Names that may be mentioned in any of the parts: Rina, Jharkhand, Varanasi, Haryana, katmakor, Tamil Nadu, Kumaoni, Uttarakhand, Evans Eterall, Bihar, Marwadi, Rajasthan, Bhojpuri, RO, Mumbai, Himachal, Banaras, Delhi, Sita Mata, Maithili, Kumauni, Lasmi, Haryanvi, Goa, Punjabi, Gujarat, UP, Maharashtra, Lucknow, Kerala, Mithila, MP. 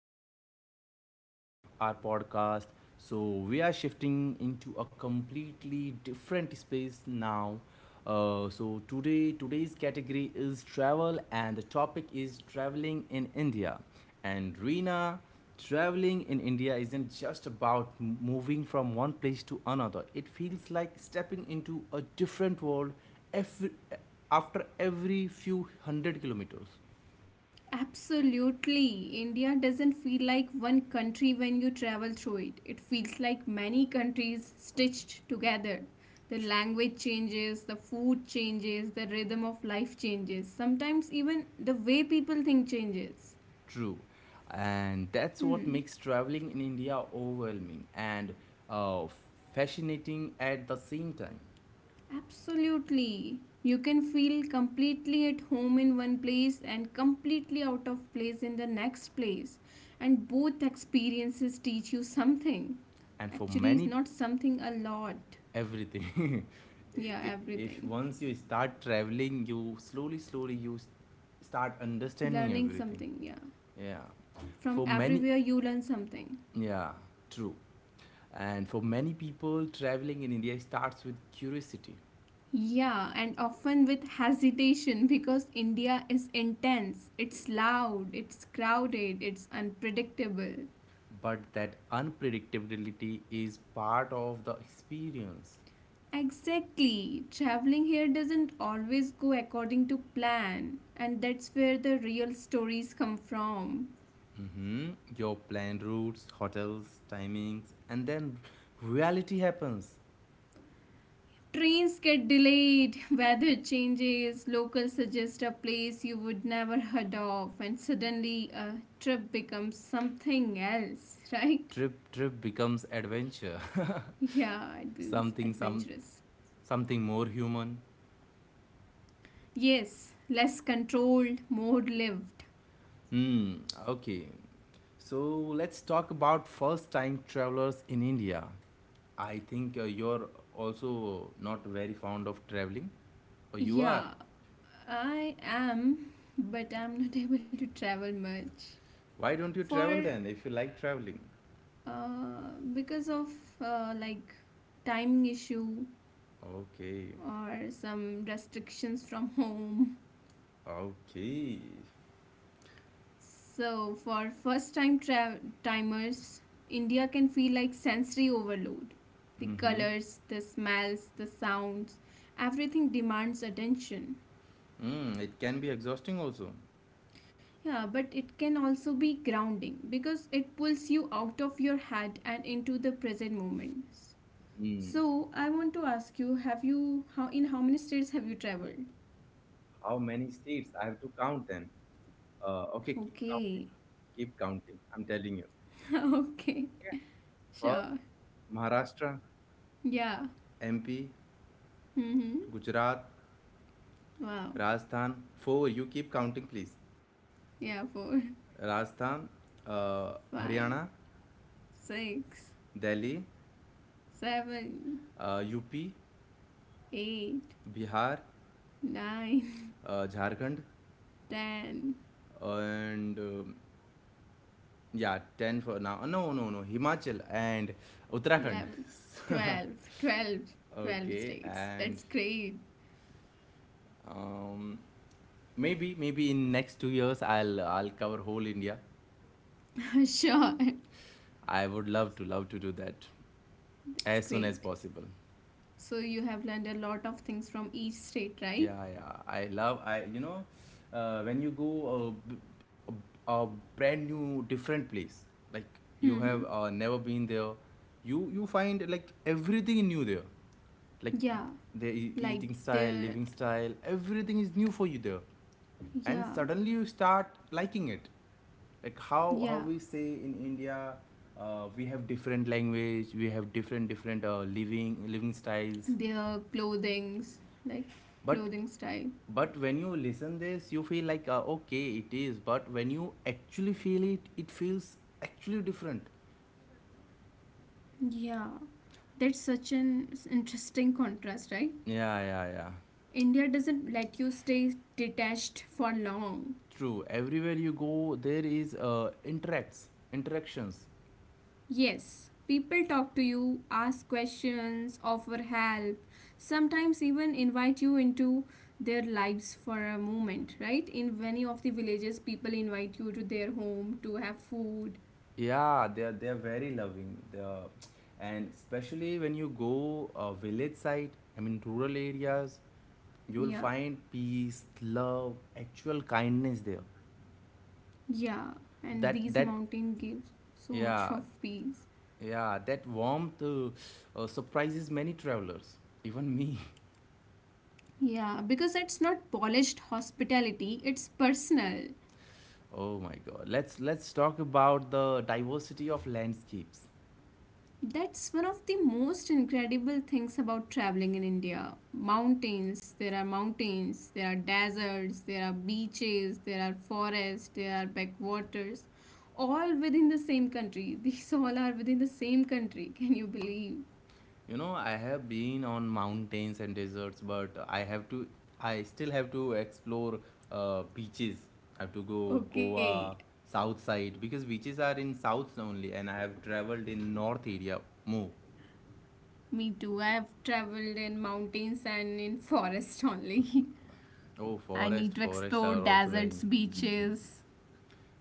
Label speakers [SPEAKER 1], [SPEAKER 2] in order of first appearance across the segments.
[SPEAKER 1] new episode of our podcast. So we are shifting into a completely different space now. So today's category is travel, and the topic is traveling in India. And Rina, traveling in India isn't just about moving from one place to another. It feels like stepping into a different world every, after every few hundred kilometers.
[SPEAKER 2] Absolutely. India doesn't feel like one country when you travel through it. It feels like many countries stitched together. The language changes, the food changes, the rhythm of life changes. Sometimes even the way people think changes.
[SPEAKER 1] True. And that's what
[SPEAKER 2] Hmm.
[SPEAKER 1] makes traveling in India overwhelming and uh, fascinating at the same time.
[SPEAKER 2] Absolutely. You can feel completely at home in one place and completely out of place in the next place. And both experiences teach you something.
[SPEAKER 1] And for
[SPEAKER 2] Actually, it's
[SPEAKER 1] many,
[SPEAKER 2] not something a lot.
[SPEAKER 1] everything.
[SPEAKER 2] Yeah,
[SPEAKER 1] If
[SPEAKER 2] everything.
[SPEAKER 1] once you start traveling, you slowly, slowly, start understanding
[SPEAKER 2] Learning
[SPEAKER 1] everything.
[SPEAKER 2] something, yeah.
[SPEAKER 1] Yeah.
[SPEAKER 2] From
[SPEAKER 1] For many,
[SPEAKER 2] everywhere, you learn something.
[SPEAKER 1] yeah, true. And for many people, traveling in India starts with curiosity.
[SPEAKER 2] Yeah, and often with hesitation because India is intense. It's loud, it's crowded, it's unpredictable.
[SPEAKER 1] But that unpredictability is part of the experience.
[SPEAKER 2] Exactly. Traveling here doesn't always go according to plan, and that's where the real stories come from.
[SPEAKER 1] Mhm. Your plan routes, hotels, timings, and then reality happens.
[SPEAKER 2] Trains get delayed, weather changes, locals suggest a place you would never heard of, and suddenly a trip becomes something else, right?
[SPEAKER 1] Trip becomes adventure.
[SPEAKER 2] Yeah, it becomes
[SPEAKER 1] something some
[SPEAKER 2] adventurous.
[SPEAKER 1] something more human.
[SPEAKER 2] Yes, less controlled, more lived.
[SPEAKER 1] Hmm. Okay. So let's talk about first time travelers in India. I think you're also not very fond of traveling, or you are.
[SPEAKER 2] Yeah, I am, but I'm not able to travel much.
[SPEAKER 1] Why don't you travel
[SPEAKER 2] For
[SPEAKER 1] then if you like traveling?
[SPEAKER 2] Because of like timing issue
[SPEAKER 1] Okay.
[SPEAKER 2] or some restrictions from home.
[SPEAKER 1] Okay.
[SPEAKER 2] So for first time timers, India can feel like sensory overload. The
[SPEAKER 1] Mhm.
[SPEAKER 2] colors, the smells, the sounds, everything demands attention.
[SPEAKER 1] Mm, it can be exhausting also.
[SPEAKER 2] Yeah, but it can also be grounding because it pulls you out of your head and into the present moments.
[SPEAKER 1] Mm,
[SPEAKER 2] So I want to ask you, have you how in how many states have you traveled?
[SPEAKER 1] how many states? I have to count them. Okay, keep
[SPEAKER 2] Okay.
[SPEAKER 1] counting. Keep counting. I'm telling you.
[SPEAKER 2] Okay.
[SPEAKER 1] First,
[SPEAKER 2] Sure.
[SPEAKER 1] Maharashtra,
[SPEAKER 2] Yeah.
[SPEAKER 1] MP,
[SPEAKER 2] Mm-hmm.
[SPEAKER 1] Gujarat,
[SPEAKER 2] Wow.
[SPEAKER 1] Rajasthan. Four. You keep counting, please.
[SPEAKER 2] Yeah, four,
[SPEAKER 1] Rajasthan, uh,
[SPEAKER 2] five,
[SPEAKER 1] Haryana,
[SPEAKER 2] six,
[SPEAKER 1] Delhi,
[SPEAKER 2] seven,
[SPEAKER 1] UP,
[SPEAKER 2] eight,
[SPEAKER 1] Bihar,
[SPEAKER 2] nine,
[SPEAKER 1] Jharkhand,
[SPEAKER 2] ten,
[SPEAKER 1] and yeah, 10 for now. No, no, no. Himachal and Uttarakhand.
[SPEAKER 2] 11, 12, 12, 12
[SPEAKER 1] Okay,
[SPEAKER 2] states.
[SPEAKER 1] and
[SPEAKER 2] That's great.
[SPEAKER 1] um, maybe, in next 2 years, I'll cover whole India.
[SPEAKER 2] Sure.
[SPEAKER 1] I would love to do that
[SPEAKER 2] That's
[SPEAKER 1] as soon as
[SPEAKER 2] great.
[SPEAKER 1] possible.
[SPEAKER 2] So you have learned a lot of things from each state, right?
[SPEAKER 1] Yeah, yeah. I love. When you go b- a brand new different place, like you
[SPEAKER 2] Mm-hmm.
[SPEAKER 1] have never been there, you find like everything new there, like
[SPEAKER 2] Yeah,
[SPEAKER 1] the
[SPEAKER 2] like
[SPEAKER 1] eating style,
[SPEAKER 2] the
[SPEAKER 1] living style, everything is new for you there, and
[SPEAKER 2] yeah,
[SPEAKER 1] suddenly you start liking it, like how
[SPEAKER 2] yeah.
[SPEAKER 1] how we say in India, we have different language, we have different living styles.
[SPEAKER 2] Their clothings, like
[SPEAKER 1] but
[SPEAKER 2] clothing style.
[SPEAKER 1] but when you listen this you feel like okay it is. But when you actually feel it, it feels actually different.
[SPEAKER 2] Yeah, that's such an interesting contrast, right?
[SPEAKER 1] Yeah, yeah, yeah,
[SPEAKER 2] India doesn't let you stay detached for long.
[SPEAKER 1] true. Everywhere you go there is interacts interactions.
[SPEAKER 2] Yes, people talk to you, ask questions, offer help, sometimes even invite you into their lives for a moment, right? In many of the villages, people invite you to their home to have food.
[SPEAKER 1] Yeah, they are very loving, they are. And especially when you go village side, I mean rural areas, you'll
[SPEAKER 2] Yeah,
[SPEAKER 1] find peace, love, actual kindness there.
[SPEAKER 2] yeah, and
[SPEAKER 1] that
[SPEAKER 2] these
[SPEAKER 1] that
[SPEAKER 2] mountain gives so much
[SPEAKER 1] yeah
[SPEAKER 2] of peace.
[SPEAKER 1] yeah, that warmth surprises many travelers, even me.
[SPEAKER 2] Yeah, because it's not polished hospitality, it's personal.
[SPEAKER 1] Oh my god, let's talk about the diversity of landscapes.
[SPEAKER 2] That's one of the most incredible things about traveling in India. Mountains, there are deserts, there are beaches, there are forests, there are backwaters, all within the same country. These all are within the same country. Can you believe?
[SPEAKER 1] You know, I have been on mountains and deserts, but I still have to explore beaches. I have to go Goa
[SPEAKER 2] Okay,
[SPEAKER 1] south side because beaches are in south only, and I have traveled in north area more.
[SPEAKER 2] me too. I've traveled in mountains and in forest only.
[SPEAKER 1] Oh,
[SPEAKER 2] I need
[SPEAKER 1] forest,
[SPEAKER 2] to
[SPEAKER 1] forest
[SPEAKER 2] explore
[SPEAKER 1] are also very
[SPEAKER 2] deserts,
[SPEAKER 1] nice.
[SPEAKER 2] beaches.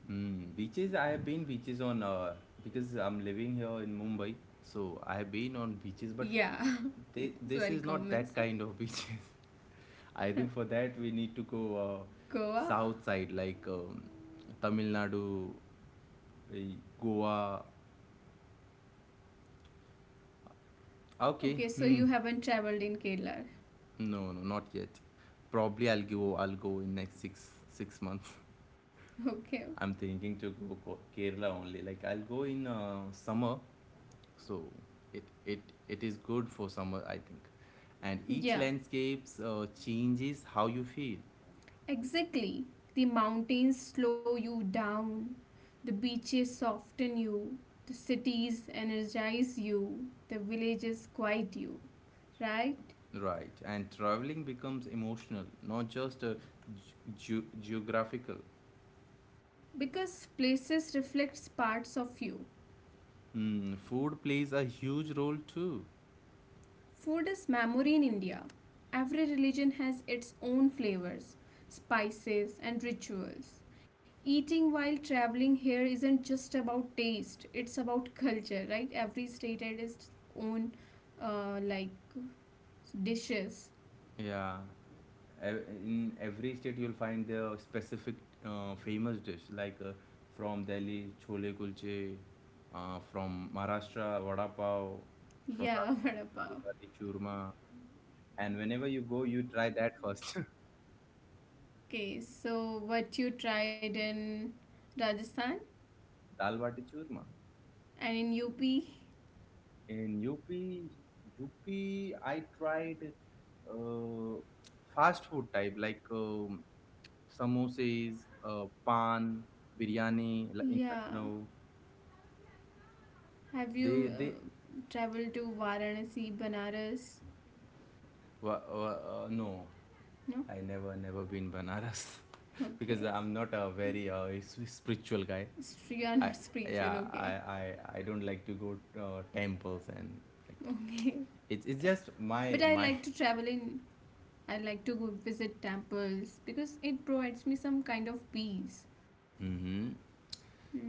[SPEAKER 1] Hmm. Beaches, I have been beaches on because I'm living here in Mumbai, so I have been on beaches, but
[SPEAKER 2] Yeah, it's
[SPEAKER 1] this
[SPEAKER 2] very
[SPEAKER 1] is not
[SPEAKER 2] common.
[SPEAKER 1] that
[SPEAKER 2] So,
[SPEAKER 1] kind of beaches. I think for that we need to go
[SPEAKER 2] Goa.
[SPEAKER 1] south side, like Tamil Nadu, eh, Goa. Okay,
[SPEAKER 2] Okay, so you
[SPEAKER 1] hmm.
[SPEAKER 2] haven't traveled in Kerala.
[SPEAKER 1] No, no, not yet. Probably I'll go. I'll go in next six six months.
[SPEAKER 2] Okay, okay.
[SPEAKER 1] I'm thinking to go Kerala only. Like I'll go in summer, so it it it is good for summer, I think. And
[SPEAKER 2] Yeah,
[SPEAKER 1] each landscapes changes how you feel.
[SPEAKER 2] exactly. The mountains slow you down, the beaches soften you, the cities energize you, the villages quiet you, right?
[SPEAKER 1] Right. And traveling becomes emotional, not just ge- geographical.
[SPEAKER 2] Because places reflects parts of you.
[SPEAKER 1] Hmm, food plays a huge role too.
[SPEAKER 2] Food is memory in India. Every religion has its own flavors, spices, and rituals. Eating while traveling here isn't just about taste, it's about culture, right? Every state had its own like dishes.
[SPEAKER 1] Yeah, in every state you'll find their specific famous dish, like from Delhi chole kulche, from Maharashtra vada pav, from
[SPEAKER 2] Yeah, vada pav.
[SPEAKER 1] Rajasthan, churma. And whenever you go, you try that first.
[SPEAKER 2] Okay, so what you tried in Rajasthan
[SPEAKER 1] Dal bati churma.
[SPEAKER 2] and in UP?
[SPEAKER 1] In UP, UP, I tried uh, fast food type, like samosas, pan, biryani in
[SPEAKER 2] Yeah.
[SPEAKER 1] Lucknow.
[SPEAKER 2] Have
[SPEAKER 1] They
[SPEAKER 2] you
[SPEAKER 1] they
[SPEAKER 2] traveled to Varanasi, Banaras?
[SPEAKER 1] no,
[SPEAKER 2] No?
[SPEAKER 1] I never been Banaras. Because
[SPEAKER 2] Okay.
[SPEAKER 1] I'm not a very spiritual guy.
[SPEAKER 2] So you are not
[SPEAKER 1] I
[SPEAKER 2] spiritual, okay.
[SPEAKER 1] yeah I don't like to go temples, and like
[SPEAKER 2] Okay.
[SPEAKER 1] it's just my
[SPEAKER 2] But
[SPEAKER 1] my
[SPEAKER 2] I like to go visit temples because it provides me some kind of peace.
[SPEAKER 1] Hmm.
[SPEAKER 2] Hmm.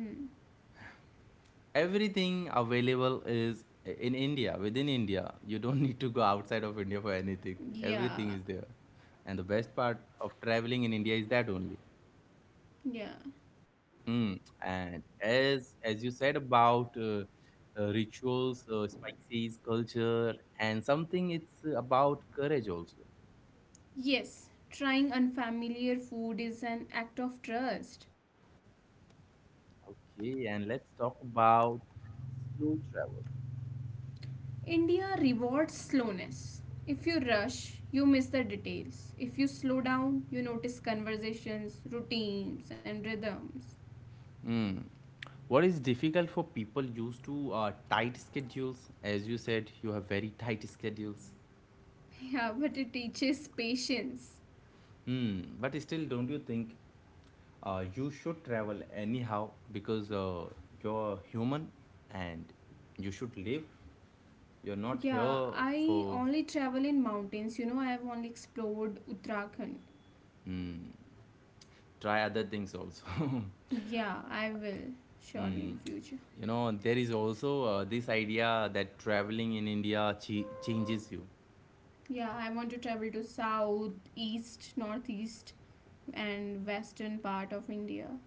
[SPEAKER 1] Everything available is in India, within India. You don't need to go outside of India for anything. Everything
[SPEAKER 2] Yeah.
[SPEAKER 1] is there. And the best part of traveling in India is that only.
[SPEAKER 2] Yeah.
[SPEAKER 1] Mm. And as you said about rituals, spices, culture, and something, it's about courage also.
[SPEAKER 2] Yes. Trying unfamiliar food is an act of trust.
[SPEAKER 1] Okay, and let's talk about slow travel.
[SPEAKER 2] India rewards slowness. If you rush, you miss the details. If you slow down, you notice conversations, routines, and rhythms.
[SPEAKER 1] What is difficult for people used to tight schedules? As you said, you have very tight schedules.
[SPEAKER 2] Yeah, but it teaches patience.
[SPEAKER 1] Hmm. But still, don't you think you should travel anyhow, because you're human and you should live? You're not
[SPEAKER 2] Yeah,
[SPEAKER 1] here
[SPEAKER 2] I
[SPEAKER 1] for
[SPEAKER 2] only travel in mountains. You know, I have only explored Uttarakhand.
[SPEAKER 1] try other things also.
[SPEAKER 2] Yeah, I will surely
[SPEAKER 1] Hmm.
[SPEAKER 2] in future.
[SPEAKER 1] You know, there is also this idea that traveling in India changes you.
[SPEAKER 2] Yeah, I want to travel to south, east, northeast, and western part of India.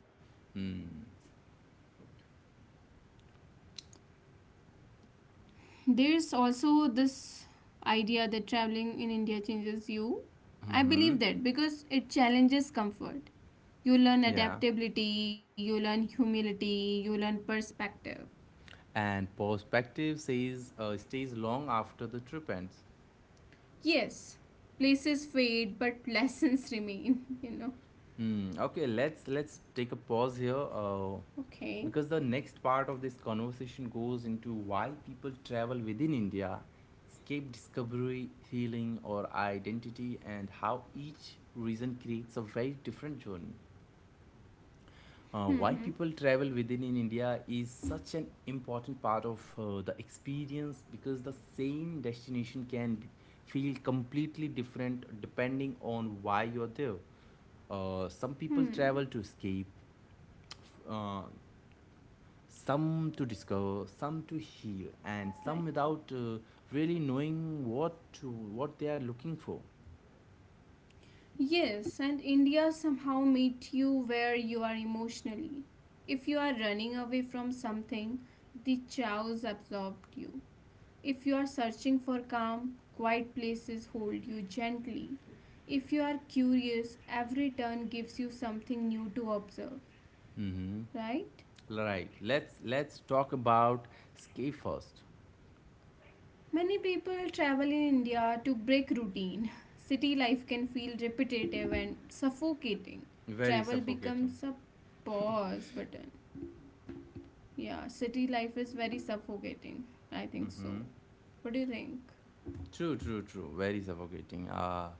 [SPEAKER 1] Hmm.
[SPEAKER 2] There's also this idea that traveling in India changes you. I
[SPEAKER 1] Mm-hmm.
[SPEAKER 2] believe that because it challenges comfort. You learn
[SPEAKER 1] Yeah.
[SPEAKER 2] adaptability, you learn humility, you learn perspective.
[SPEAKER 1] And perspective says stays long after the trip ends.
[SPEAKER 2] Yes, places fade, but lessons remain, you know.
[SPEAKER 1] Hmm. Okay, let's take a pause here,
[SPEAKER 2] Okay.
[SPEAKER 1] because the next part of this conversation goes into why people travel within India, escape, discovery, healing, or identity, and how each reason creates a very different journey. Why
[SPEAKER 2] Hmm.
[SPEAKER 1] people travel within in India is such an important part of the experience, because the same destination can feel completely different depending on why you're there. Some people
[SPEAKER 2] Hmm.
[SPEAKER 1] travel to escape, uh, some to discover, some to heal, and
[SPEAKER 2] Right.
[SPEAKER 1] some without really knowing what they are looking for.
[SPEAKER 2] Yes, and India somehow meet you where you are emotionally. If you are running away from something, the chows absorbed you. If you are searching for calm, quiet places hold you gently. If you are curious, every turn gives you something new to observe, right?
[SPEAKER 1] Right. Let's talk about escape first.
[SPEAKER 2] Many people travel in India to break routine. City life can feel repetitive and suffocating.
[SPEAKER 1] Very
[SPEAKER 2] Travel
[SPEAKER 1] suffocating.
[SPEAKER 2] becomes a pause button. Yeah, city life is very suffocating. I think
[SPEAKER 1] Mm-hmm.
[SPEAKER 2] so. What do you think?
[SPEAKER 1] True, true, true. Very suffocating. Uh,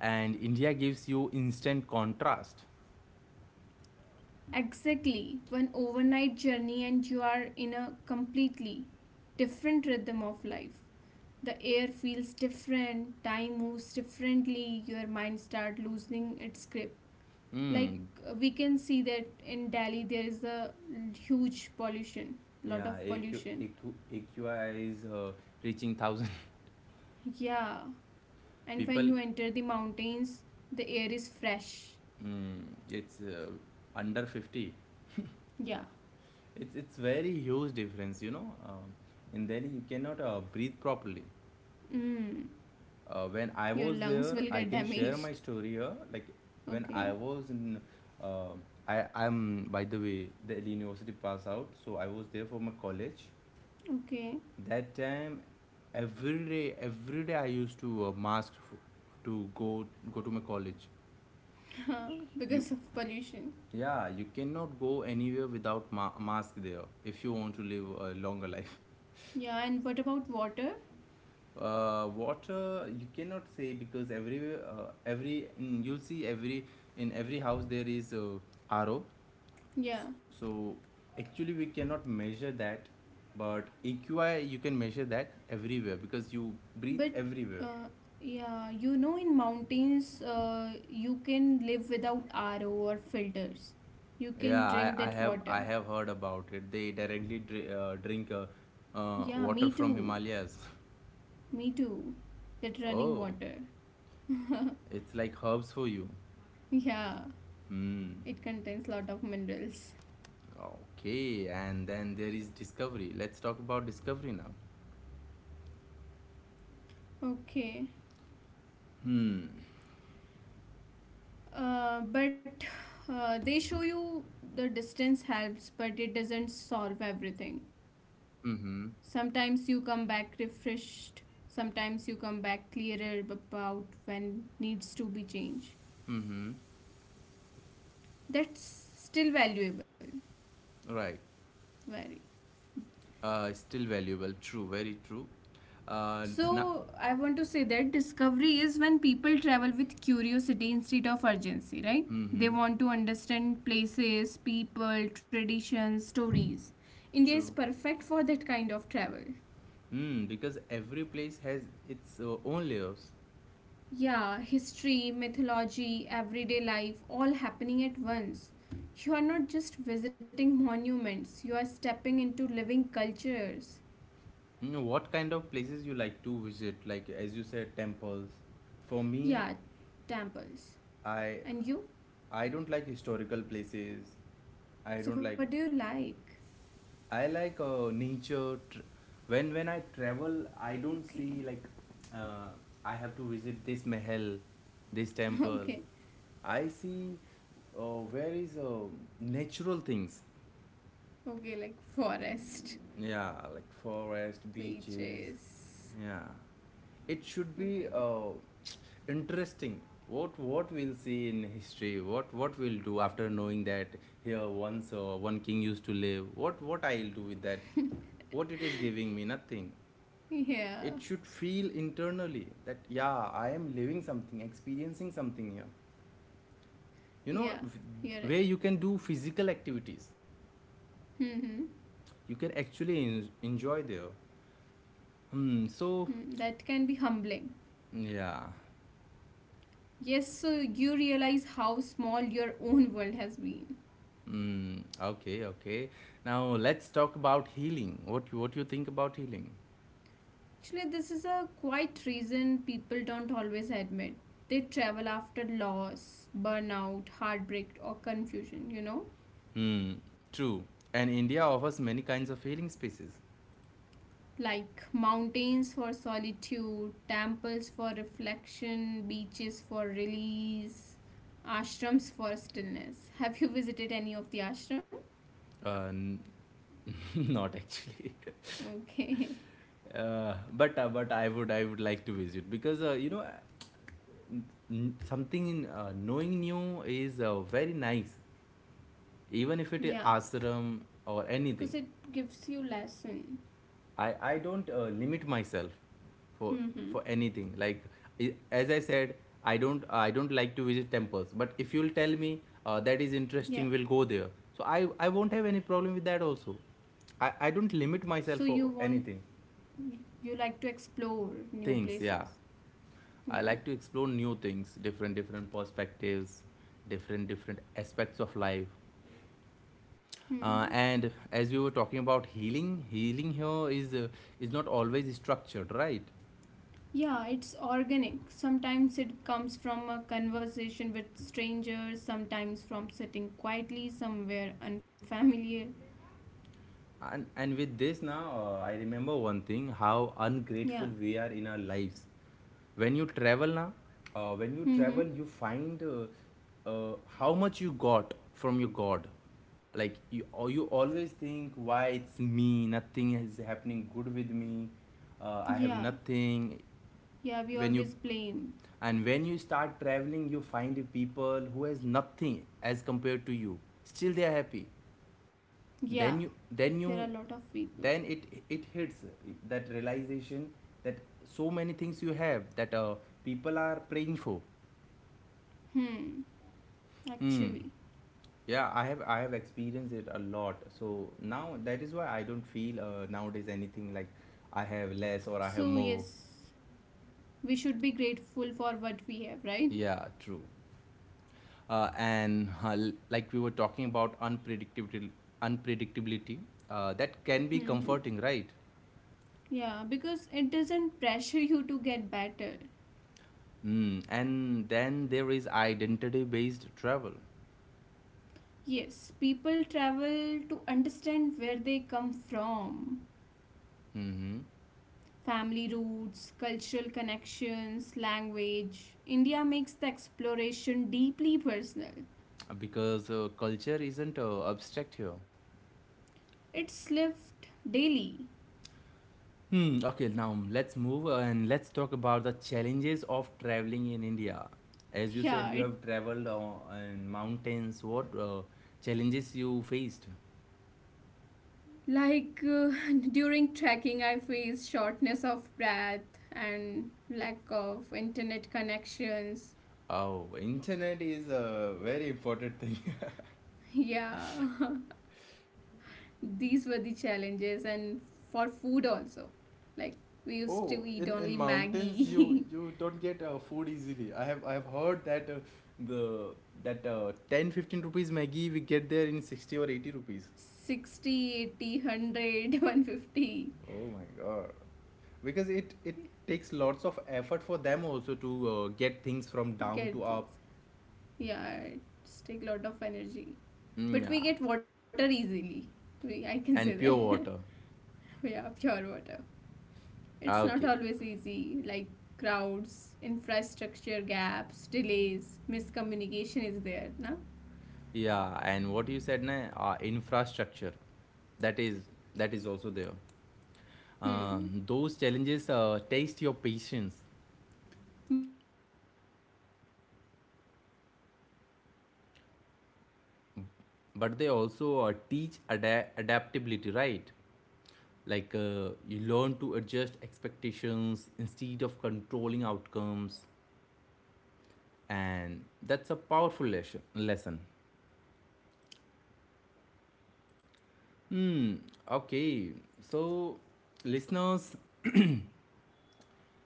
[SPEAKER 1] and India gives you instant contrast.
[SPEAKER 2] Exactly. One overnight journey and you are in a completely different rhythm of life. The air feels different, time moves differently, your mind start losing its grip. Like,
[SPEAKER 1] Hmm.
[SPEAKER 2] we can see that in Delhi there is a huge pollution, lot
[SPEAKER 1] Yeah,
[SPEAKER 2] of
[SPEAKER 1] A Q A
[SPEAKER 2] pollution.
[SPEAKER 1] Q A Q I is reaching thousand
[SPEAKER 2] Yeah. And when
[SPEAKER 1] people.
[SPEAKER 2] you enter the mountains, the air is fresh.
[SPEAKER 1] Mm, it's under 50.
[SPEAKER 2] Yeah.
[SPEAKER 1] It's very huge difference. You know, in Delhi you cannot breathe properly.
[SPEAKER 2] Mm.
[SPEAKER 1] When I
[SPEAKER 2] Your
[SPEAKER 1] was
[SPEAKER 2] lungs
[SPEAKER 1] there,
[SPEAKER 2] will
[SPEAKER 1] I
[SPEAKER 2] get
[SPEAKER 1] can share my
[SPEAKER 2] damaged.
[SPEAKER 1] story here, like when I
[SPEAKER 2] Okay.
[SPEAKER 1] was in, uh, I I'm, by the way, Delhi University pass out, so I was there for my college.
[SPEAKER 2] Okay.
[SPEAKER 1] That time, every day I used to mask to go to my college. You,
[SPEAKER 2] Because of pollution.
[SPEAKER 1] yeah, you cannot go anywhere without mask there if you want to live a longer life.
[SPEAKER 2] Yeah. And what about water?
[SPEAKER 1] Water you cannot say, because everywhere, you'll see every house there is a RO.
[SPEAKER 2] Yeah.
[SPEAKER 1] So actually we cannot measure that, but EQI you can measure that everywhere because you breathe
[SPEAKER 2] But
[SPEAKER 1] everywhere.
[SPEAKER 2] uh, yeah, you know, in mountains, you can live without RO or filters. You
[SPEAKER 1] Yeah,
[SPEAKER 2] can drink that water.
[SPEAKER 1] I have heard about it. They directly drink
[SPEAKER 2] Yeah,
[SPEAKER 1] water
[SPEAKER 2] me
[SPEAKER 1] from
[SPEAKER 2] too.
[SPEAKER 1] Himalayas.
[SPEAKER 2] Me too. That running
[SPEAKER 1] Oh,
[SPEAKER 2] water.
[SPEAKER 1] it's like herbs for you.
[SPEAKER 2] Yeah,
[SPEAKER 1] Hmm.
[SPEAKER 2] it contains lot of minerals.
[SPEAKER 1] Okay, and then there is discovery. Let's talk about discovery now.
[SPEAKER 2] Okay.
[SPEAKER 1] Hmm.
[SPEAKER 2] But they show you the distance helps, but it doesn't solve everything.
[SPEAKER 1] Mm-hmm.
[SPEAKER 2] Sometimes you come back refreshed, sometimes you come back clearer about when needs to be changed.
[SPEAKER 1] Mm-hmm.
[SPEAKER 2] That's still valuable.
[SPEAKER 1] Right.
[SPEAKER 2] Very.
[SPEAKER 1] Still valuable. True, very true. Now.
[SPEAKER 2] So, I want to say that discovery is when people travel with curiosity instead of urgency, right? They
[SPEAKER 1] Mm-hmm.
[SPEAKER 2] want to understand places, people, traditions, stories. India is
[SPEAKER 1] True.
[SPEAKER 2] perfect for that kind of travel.
[SPEAKER 1] Hmm. Because every place has its own layers.
[SPEAKER 2] Yeah, history, mythology, everyday life, all happening at once. You are not just visiting monuments, you are stepping into living cultures.
[SPEAKER 1] Mm, what kind of places you like to visit? Like as you said, temples. For me,
[SPEAKER 2] Yeah, temples.
[SPEAKER 1] I
[SPEAKER 2] And you?
[SPEAKER 1] I don't like historical places. I
[SPEAKER 2] So,
[SPEAKER 1] don't
[SPEAKER 2] what do
[SPEAKER 1] like.
[SPEAKER 2] you like?
[SPEAKER 1] I like nature. When I travel, I don't
[SPEAKER 2] Okay,
[SPEAKER 1] see, like, uh, I have to visit this mahal, this temple.
[SPEAKER 2] okay,
[SPEAKER 1] I see where is natural things.
[SPEAKER 2] okay, like forest,
[SPEAKER 1] Yeah, like forest, beaches.
[SPEAKER 2] beaches.
[SPEAKER 1] Yeah, it should be
[SPEAKER 2] Okay,
[SPEAKER 1] interesting. What we'll see in history? What we'll do after knowing that here once one king used to live? What I'll do with that? What it is giving me? Nothing.
[SPEAKER 2] yeah,
[SPEAKER 1] It should feel internally that yeah, I am living something, experiencing something here. You know,
[SPEAKER 2] yeah, you're
[SPEAKER 1] where
[SPEAKER 2] right.
[SPEAKER 1] you can do physical activities,
[SPEAKER 2] Mm-hmm.
[SPEAKER 1] you can actually enjoy there. Hmm. So
[SPEAKER 2] Hmm, that can be humbling.
[SPEAKER 1] yeah.
[SPEAKER 2] Yes, so you realize how small your own world has been.
[SPEAKER 1] Mm, okay, okay. Now let's talk about healing. What you think about healing?
[SPEAKER 2] Actually, this is a quite reason people don't always admit. They travel after loss, burnout, heartbreak, or confusion, you know?
[SPEAKER 1] Hmm, true. And India offers many kinds of healing spaces.
[SPEAKER 2] Like mountains for solitude, temples for reflection, beaches for release, ashrams for stillness. Have you visited any of the ashram?
[SPEAKER 1] Uh, n- Not actually.
[SPEAKER 2] Okay.
[SPEAKER 1] But I would like to visit because you know n- something in knowing new is very nice, even if it is
[SPEAKER 2] Yeah,
[SPEAKER 1] ashram or
[SPEAKER 2] because
[SPEAKER 1] anything.
[SPEAKER 2] it gives you lesson.
[SPEAKER 1] I don't limit myself for
[SPEAKER 2] Mm-hmm.
[SPEAKER 1] for anything. Like as I said, I don't like to visit temples. But if you'll tell me that is
[SPEAKER 2] Yeah.
[SPEAKER 1] interesting, we'll go there. So I won't have any problem with that also. I don't limit
[SPEAKER 2] So
[SPEAKER 1] myself for anything.
[SPEAKER 2] you like to explore new
[SPEAKER 1] Things, yeah.
[SPEAKER 2] places.
[SPEAKER 1] I
[SPEAKER 2] Yeah.
[SPEAKER 1] like to explore new things, different different perspectives, different different aspects of life.
[SPEAKER 2] Hmm.
[SPEAKER 1] And as we were talking about healing, healing here is not always structured, right?
[SPEAKER 2] Yeah, it's organic. Sometimes it comes from a conversation with strangers, sometimes from sitting quietly somewhere unfamiliar.
[SPEAKER 1] And with this now, I remember one thing, how
[SPEAKER 2] Yeah.
[SPEAKER 1] ungrateful we are in our lives when you travel now. When you
[SPEAKER 2] Mm-hmm.
[SPEAKER 1] travel, you find how much you got from your god, like you, or you always think, why it's me, nothing is happening good with me. I have
[SPEAKER 2] Yeah.
[SPEAKER 1] nothing.
[SPEAKER 2] Yeah, we
[SPEAKER 1] when
[SPEAKER 2] always
[SPEAKER 1] you
[SPEAKER 2] blame.
[SPEAKER 1] and when you start traveling, you find people who has nothing as compared to you, still they are happy.
[SPEAKER 2] Yeah,
[SPEAKER 1] then you
[SPEAKER 2] there
[SPEAKER 1] then
[SPEAKER 2] are a
[SPEAKER 1] you
[SPEAKER 2] lot of people.
[SPEAKER 1] then it hits that realization, that so many things you have that people are praying for.
[SPEAKER 2] Hmm,
[SPEAKER 1] Hmm.
[SPEAKER 2] actually.
[SPEAKER 1] Yeah, I have experienced it a lot, so now that is why I don't feel nowadays anything like I have less or I
[SPEAKER 2] So,
[SPEAKER 1] have more.
[SPEAKER 2] yes, we should be grateful for what we have, right?
[SPEAKER 1] Yeah, true. Like we were talking about unpredictability, unpredictability, that can be
[SPEAKER 2] Hmm.
[SPEAKER 1] comforting, right?
[SPEAKER 2] Yeah, because it doesn't pressure you to get better.
[SPEAKER 1] Mm, and then there is identity based travel.
[SPEAKER 2] Yes, people travel to understand where they come from.
[SPEAKER 1] Hmm.
[SPEAKER 2] Family roots, cultural connections, language. India makes the exploration deeply personal.
[SPEAKER 1] Because culture isn't abstract here.
[SPEAKER 2] It's lived daily.
[SPEAKER 1] Hmm, okay, now let's move and let's talk about the challenges of traveling in India. As you said, you
[SPEAKER 2] Yeah, it
[SPEAKER 1] have traveled in mountains. What challenges you faced?
[SPEAKER 2] like during trekking I faced shortness of breath and lack of internet connections.
[SPEAKER 1] Oh, internet is a very important thing.
[SPEAKER 2] Yeah. These were the challenges, and for food also, like, we used to
[SPEAKER 1] Oh,
[SPEAKER 2] eat
[SPEAKER 1] in
[SPEAKER 2] only
[SPEAKER 1] mountains you
[SPEAKER 2] Maggie.
[SPEAKER 1] don't get food easily. I have heard that the that 10 fifteen rupees Maggi we get there in 60 or 80 rupees.
[SPEAKER 2] 60 80, 100, 150.
[SPEAKER 1] Oh my god. Because it takes lots of effort for them also to get things from down
[SPEAKER 2] Get
[SPEAKER 1] to up.
[SPEAKER 2] Yeah, it's take lot of energy.
[SPEAKER 1] Mm, yeah.
[SPEAKER 2] But we get water easily. I can say
[SPEAKER 1] And pure
[SPEAKER 2] that.
[SPEAKER 1] water.
[SPEAKER 2] Yeah, pure water.
[SPEAKER 1] Ah,
[SPEAKER 2] It's
[SPEAKER 1] okay.
[SPEAKER 2] not always easy, like crowds, infrastructure gaps, delays, miscommunication is there na?
[SPEAKER 1] Yeah, and what you said na, infrastructure, that is that is also there.
[SPEAKER 2] Hmm,
[SPEAKER 1] Those challenges test your patience,
[SPEAKER 2] but they also teach adaptability.
[SPEAKER 1] but they also teach adaptability, right? Like, you learn to adjust expectations instead of controlling outcomes, and that's a powerful lesson. Hmm. Okay, so listeners,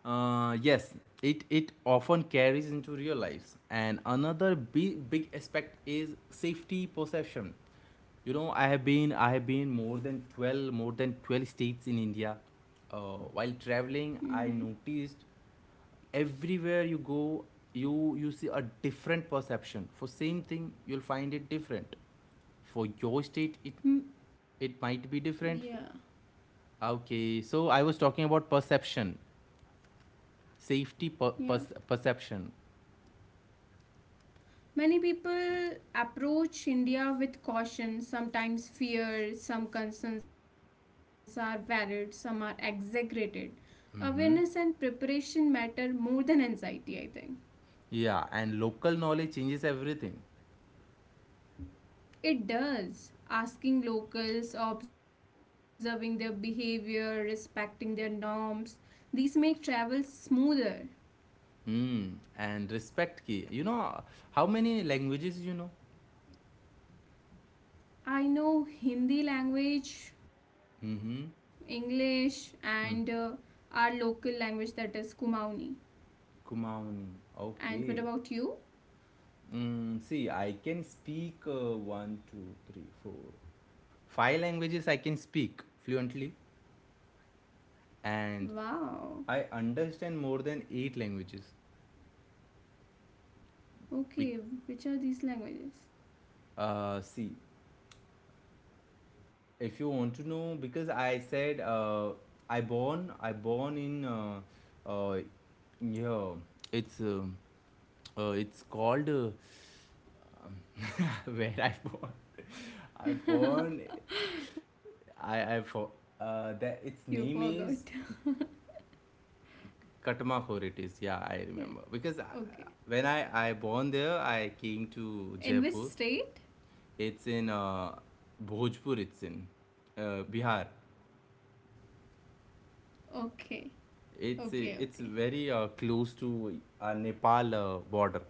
[SPEAKER 1] Yes, it often carries into real lives. And another big aspect is safety perception. You know, I have been more than 12 states in India. While traveling, I
[SPEAKER 2] Mm-hmm.
[SPEAKER 1] noticed everywhere you go, you see a different perception for same thing. You'll find it different. For your state, it
[SPEAKER 2] Mm.
[SPEAKER 1] it might be
[SPEAKER 2] Yeah,
[SPEAKER 1] different. Okay, so I was talking about perception, safety
[SPEAKER 2] yeah.
[SPEAKER 1] perception.
[SPEAKER 2] Many people approach India with caution, sometimes fear, some concerns are valid, some are exaggerated. Awareness and preparation matter more than anxiety, I think.
[SPEAKER 1] Yeah, and local knowledge changes everything.
[SPEAKER 2] It does. Asking locals, observing their behavior, respecting their norms, these make travel smoother.
[SPEAKER 1] Hmm. And respect ki. You know how many languages you know?
[SPEAKER 2] I know Hindi language,
[SPEAKER 1] Mm-hmm.
[SPEAKER 2] English, and our
[SPEAKER 1] Mm.
[SPEAKER 2] local language that is Kumauni. And
[SPEAKER 1] Kumaoni.
[SPEAKER 2] what about you?
[SPEAKER 1] Okay. Mm, see, I can speak one, two, three, four, five languages I can speak fluently,
[SPEAKER 2] Wow.
[SPEAKER 1] and I understand more than eight languages.
[SPEAKER 2] Okay,
[SPEAKER 1] Be-
[SPEAKER 2] which are these languages?
[SPEAKER 1] See, if you want to know, because I said, I born in uh, yeah, it's um it's called where I born. I born,
[SPEAKER 2] You
[SPEAKER 1] I
[SPEAKER 2] forgot.
[SPEAKER 1] for that its name is katmakor, it is, yeah, I
[SPEAKER 2] Yeah.
[SPEAKER 1] remember because I,
[SPEAKER 2] Okay.
[SPEAKER 1] when I born there, I came to Jaipur.
[SPEAKER 2] In which state?
[SPEAKER 1] It's in Bhojpur, it's in Bihar.
[SPEAKER 2] Okay. Okay, okay.
[SPEAKER 1] It's very close to Nepal border,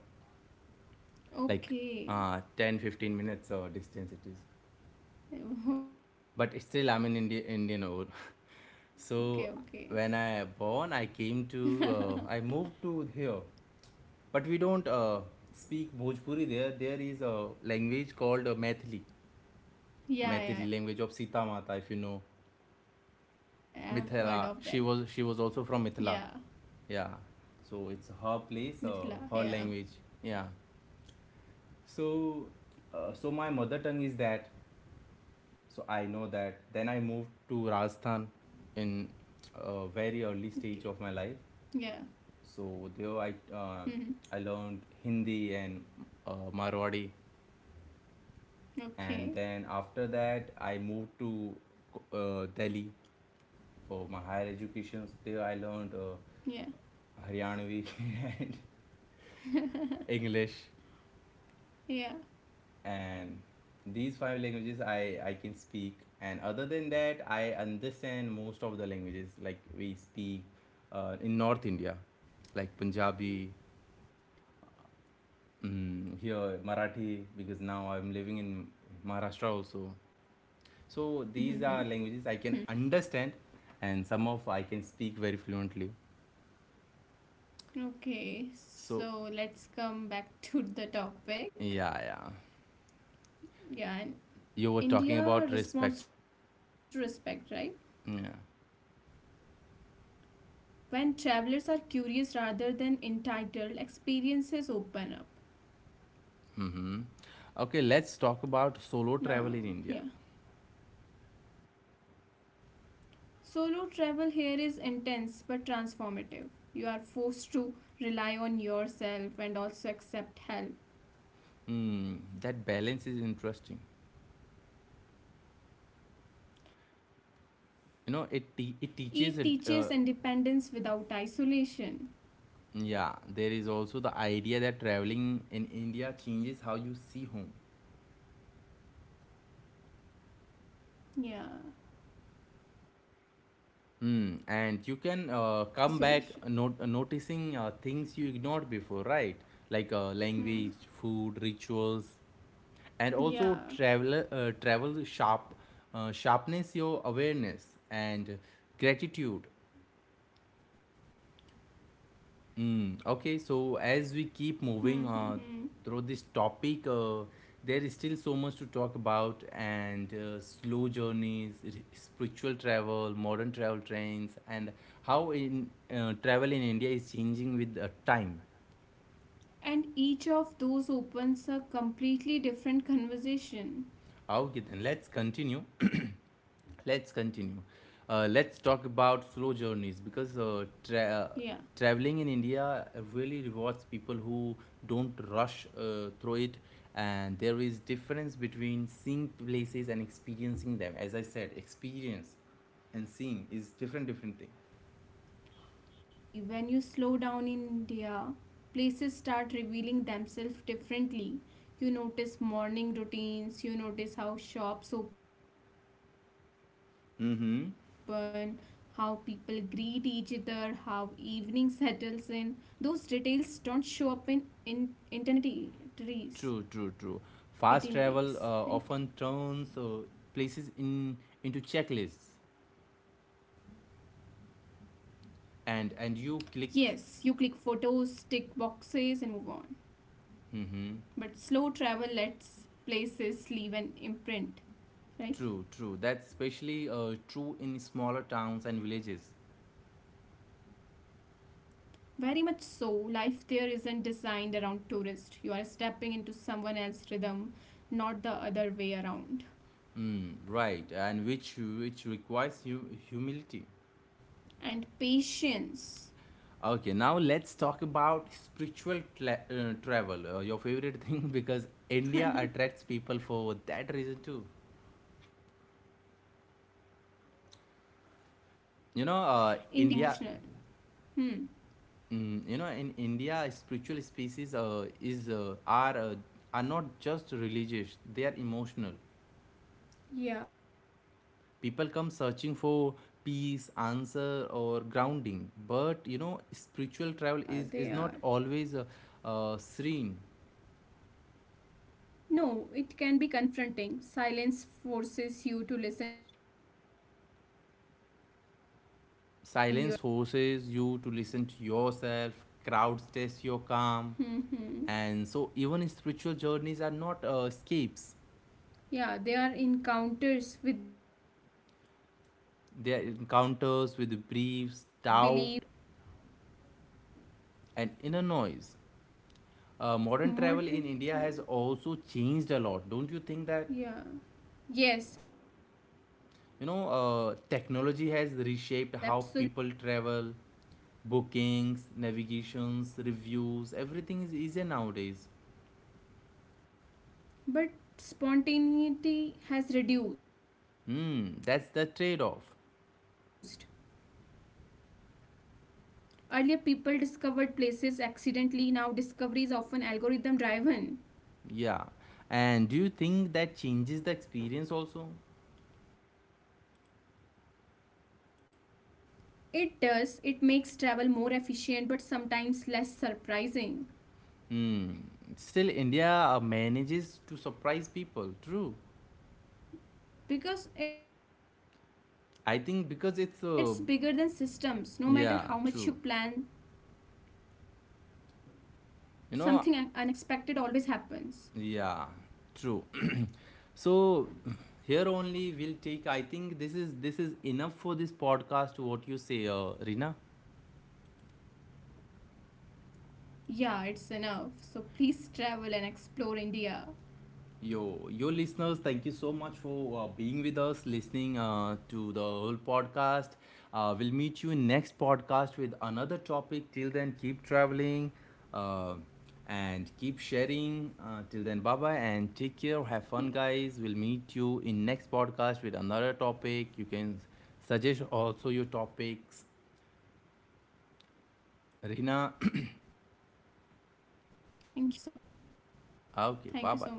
[SPEAKER 1] like
[SPEAKER 2] Okay.
[SPEAKER 1] 10-15 minutes distance it is. But it's
[SPEAKER 2] Okay,
[SPEAKER 1] still, I'm an
[SPEAKER 2] okay.
[SPEAKER 1] Indian over. So when I born, I came to I moved to here, but we don't speak Bhojpuri there. There is a language called Maithili, Maithili
[SPEAKER 2] Yeah,
[SPEAKER 1] language of
[SPEAKER 2] yeah, yeah,
[SPEAKER 1] Sita
[SPEAKER 2] I've
[SPEAKER 1] Mata,
[SPEAKER 2] heard
[SPEAKER 1] if you
[SPEAKER 2] of
[SPEAKER 1] know.
[SPEAKER 2] that. Yeah.
[SPEAKER 1] Mithila. She was also from Mithila. Yeah.
[SPEAKER 2] Mithila,
[SPEAKER 1] So it's
[SPEAKER 2] yeah.
[SPEAKER 1] her place, her language. Yeah. So so my mother tongue is that. So I know that. Then I moved to Rajasthan
[SPEAKER 2] Okay.
[SPEAKER 1] in a
[SPEAKER 2] Yeah.
[SPEAKER 1] very early stage of my life. So there
[SPEAKER 2] Mm-hmm.
[SPEAKER 1] I learned Hindi and Marwadi, and then
[SPEAKER 2] Okay.
[SPEAKER 1] after that I moved to Delhi. For my higher
[SPEAKER 2] Yeah.
[SPEAKER 1] education there, I learned Haryanvi and English,
[SPEAKER 2] Yeah.
[SPEAKER 1] and these five languages I can speak. And other than that, I understand most of the languages like we speak in North India, like Punjabi,
[SPEAKER 2] Mm-hmm. Mm-hmm.
[SPEAKER 1] mm,
[SPEAKER 2] Hmm.
[SPEAKER 1] here Marathi, because now I'm living in Maharashtra also. So these are languages I can understand, and some of I can speak very fluently.
[SPEAKER 2] Okay,
[SPEAKER 1] So
[SPEAKER 2] so let's come back to the topic.
[SPEAKER 1] yeah.
[SPEAKER 2] Yeah, and
[SPEAKER 1] You were talking
[SPEAKER 2] India
[SPEAKER 1] about respect.
[SPEAKER 2] responds to respect, right?
[SPEAKER 1] Yeah.
[SPEAKER 2] When travelers are curious rather than entitled, experiences open up.
[SPEAKER 1] Hmm. Okay, let's
[SPEAKER 2] No,
[SPEAKER 1] talk
[SPEAKER 2] yeah.
[SPEAKER 1] about solo travel in India.
[SPEAKER 2] Solo travel here is intense but transformative. You are forced to rely on yourself and also accept help.
[SPEAKER 1] Mm, that balance is interesting.
[SPEAKER 2] It teaches independence without
[SPEAKER 1] You know,
[SPEAKER 2] isolation.
[SPEAKER 1] it teaches. Yeah, there is also the idea that traveling in India changes how you see home.
[SPEAKER 2] Yeah. It teaches independence without
[SPEAKER 1] Mm,
[SPEAKER 2] us
[SPEAKER 1] and you
[SPEAKER 2] isolation.
[SPEAKER 1] can come back noticing things you ignored before, right? Like,
[SPEAKER 2] Hmm.
[SPEAKER 1] language, food, rituals, and also
[SPEAKER 2] Yeah.
[SPEAKER 1] travel. Uh, sharpness your awareness and gratitude.
[SPEAKER 2] Hmm, hmm, hmm.
[SPEAKER 1] Mm, okay, so as we keep moving through this topic, there is still so much to talk about, and slow journeys, spiritual travel, modern travel trends, and how in travel in India is changing with time.
[SPEAKER 2] And each of those opens a completely different conversation.
[SPEAKER 1] Okay, then let's continue.
[SPEAKER 2] Yeah.
[SPEAKER 1] Let's continue, let's talk about slow journeys because traveling in India really rewards people who don't rush through it. And there is difference between seeing places and experiencing them, as I said, experience and seeing is different different thing.
[SPEAKER 2] Absolutely, absolutely. When you slow down in India, places start revealing themselves differently. You notice morning routines, you notice how shops open, how
[SPEAKER 1] Mm-hmm.
[SPEAKER 2] people greet each other, how evening settles in. Those details don't show up in
[SPEAKER 1] True. Fast
[SPEAKER 2] itineraries.
[SPEAKER 1] travel often turns places
[SPEAKER 2] Itineraries,
[SPEAKER 1] in
[SPEAKER 2] right?
[SPEAKER 1] into checklists, and you click.
[SPEAKER 2] Yes, you click photos, tick boxes, and move on.
[SPEAKER 1] Mm-hmm.
[SPEAKER 2] But slow travel lets places leave an imprint,
[SPEAKER 1] True, true. That's
[SPEAKER 2] right?
[SPEAKER 1] especially true in smaller towns and villages.
[SPEAKER 2] Very much so. Life there isn't designed around tourists. You are stepping into someone else's rhythm, not the other way around.
[SPEAKER 1] Mm, right, and which requires humility.
[SPEAKER 2] And patience.
[SPEAKER 1] Okay, now let's talk about spiritual travel, your favorite thing, because India attracts people for that reason too.
[SPEAKER 2] India's spiritual spaces aren't just
[SPEAKER 1] You know,
[SPEAKER 2] religious, they are
[SPEAKER 1] India.
[SPEAKER 2] emotional. Hmm.
[SPEAKER 1] Mm, you know, in India, spiritual spaces is are not just religious, they are emotional.
[SPEAKER 2] Yeah, they are.
[SPEAKER 1] People come searching for peace, answer, or grounding, but you know, spiritual travel is not always serene.
[SPEAKER 2] No, it can be confronting. Silence forces you to listen yourself, crowd tests your calm.
[SPEAKER 1] Silence forces you to listen to yourself, crowds test your calm,
[SPEAKER 2] Mhm.
[SPEAKER 1] and so even spiritual journeys are not escapes.
[SPEAKER 2] Yeah, they are encounters with belief, doubt, and inner
[SPEAKER 1] They are
[SPEAKER 2] noise.
[SPEAKER 1] encounters with briefs, doubt, and inner noise. Modern travel
[SPEAKER 2] Modern
[SPEAKER 1] in India has
[SPEAKER 2] tool.
[SPEAKER 1] also changed a lot, don't you think that?
[SPEAKER 2] Yeah. Yes, absolutely.
[SPEAKER 1] You know,
[SPEAKER 2] Technology has,
[SPEAKER 1] technology has reshaped how people travel, bookings, navigations, reviews, everything is easier nowadays.
[SPEAKER 2] but spontaneity has reduced.
[SPEAKER 1] Hmm, that's the trade off.
[SPEAKER 2] Earlier, people discovered places accidentally. Now, discovery is often algorithm driven.
[SPEAKER 1] Yeah. And do you think that changes the experience also?
[SPEAKER 2] It does. It makes travel more efficient but sometimes less surprising
[SPEAKER 1] Hmm. Still, India manages to surprise people. True.
[SPEAKER 2] because it's bigger than systems. No matter how
[SPEAKER 1] I
[SPEAKER 2] much you
[SPEAKER 1] think because it's,
[SPEAKER 2] plan,
[SPEAKER 1] yeah, true.
[SPEAKER 2] something unexpected
[SPEAKER 1] You
[SPEAKER 2] always
[SPEAKER 1] know,
[SPEAKER 2] happens.
[SPEAKER 1] yeah, true. So here only we'll take. I think this is enough for this podcast. What you say, Rina?
[SPEAKER 2] Yeah, it's enough. So please travel and explore India.
[SPEAKER 1] Yo, yo, listeners, thank you so much for being with us, listening
[SPEAKER 2] Yeah.
[SPEAKER 1] to the whole podcast. We'll meet you in next podcast with another topic. Till then, keep traveling uh, and keep sharing. Till then, bye bye and take care.
[SPEAKER 2] Yeah.
[SPEAKER 1] Have fun, guys. We'll meet you in next podcast with another topic. You can suggest also your topics.
[SPEAKER 2] Thank you
[SPEAKER 1] Rina,
[SPEAKER 2] so much. Thank you so much. Lasmi.
[SPEAKER 1] okay, bye bye.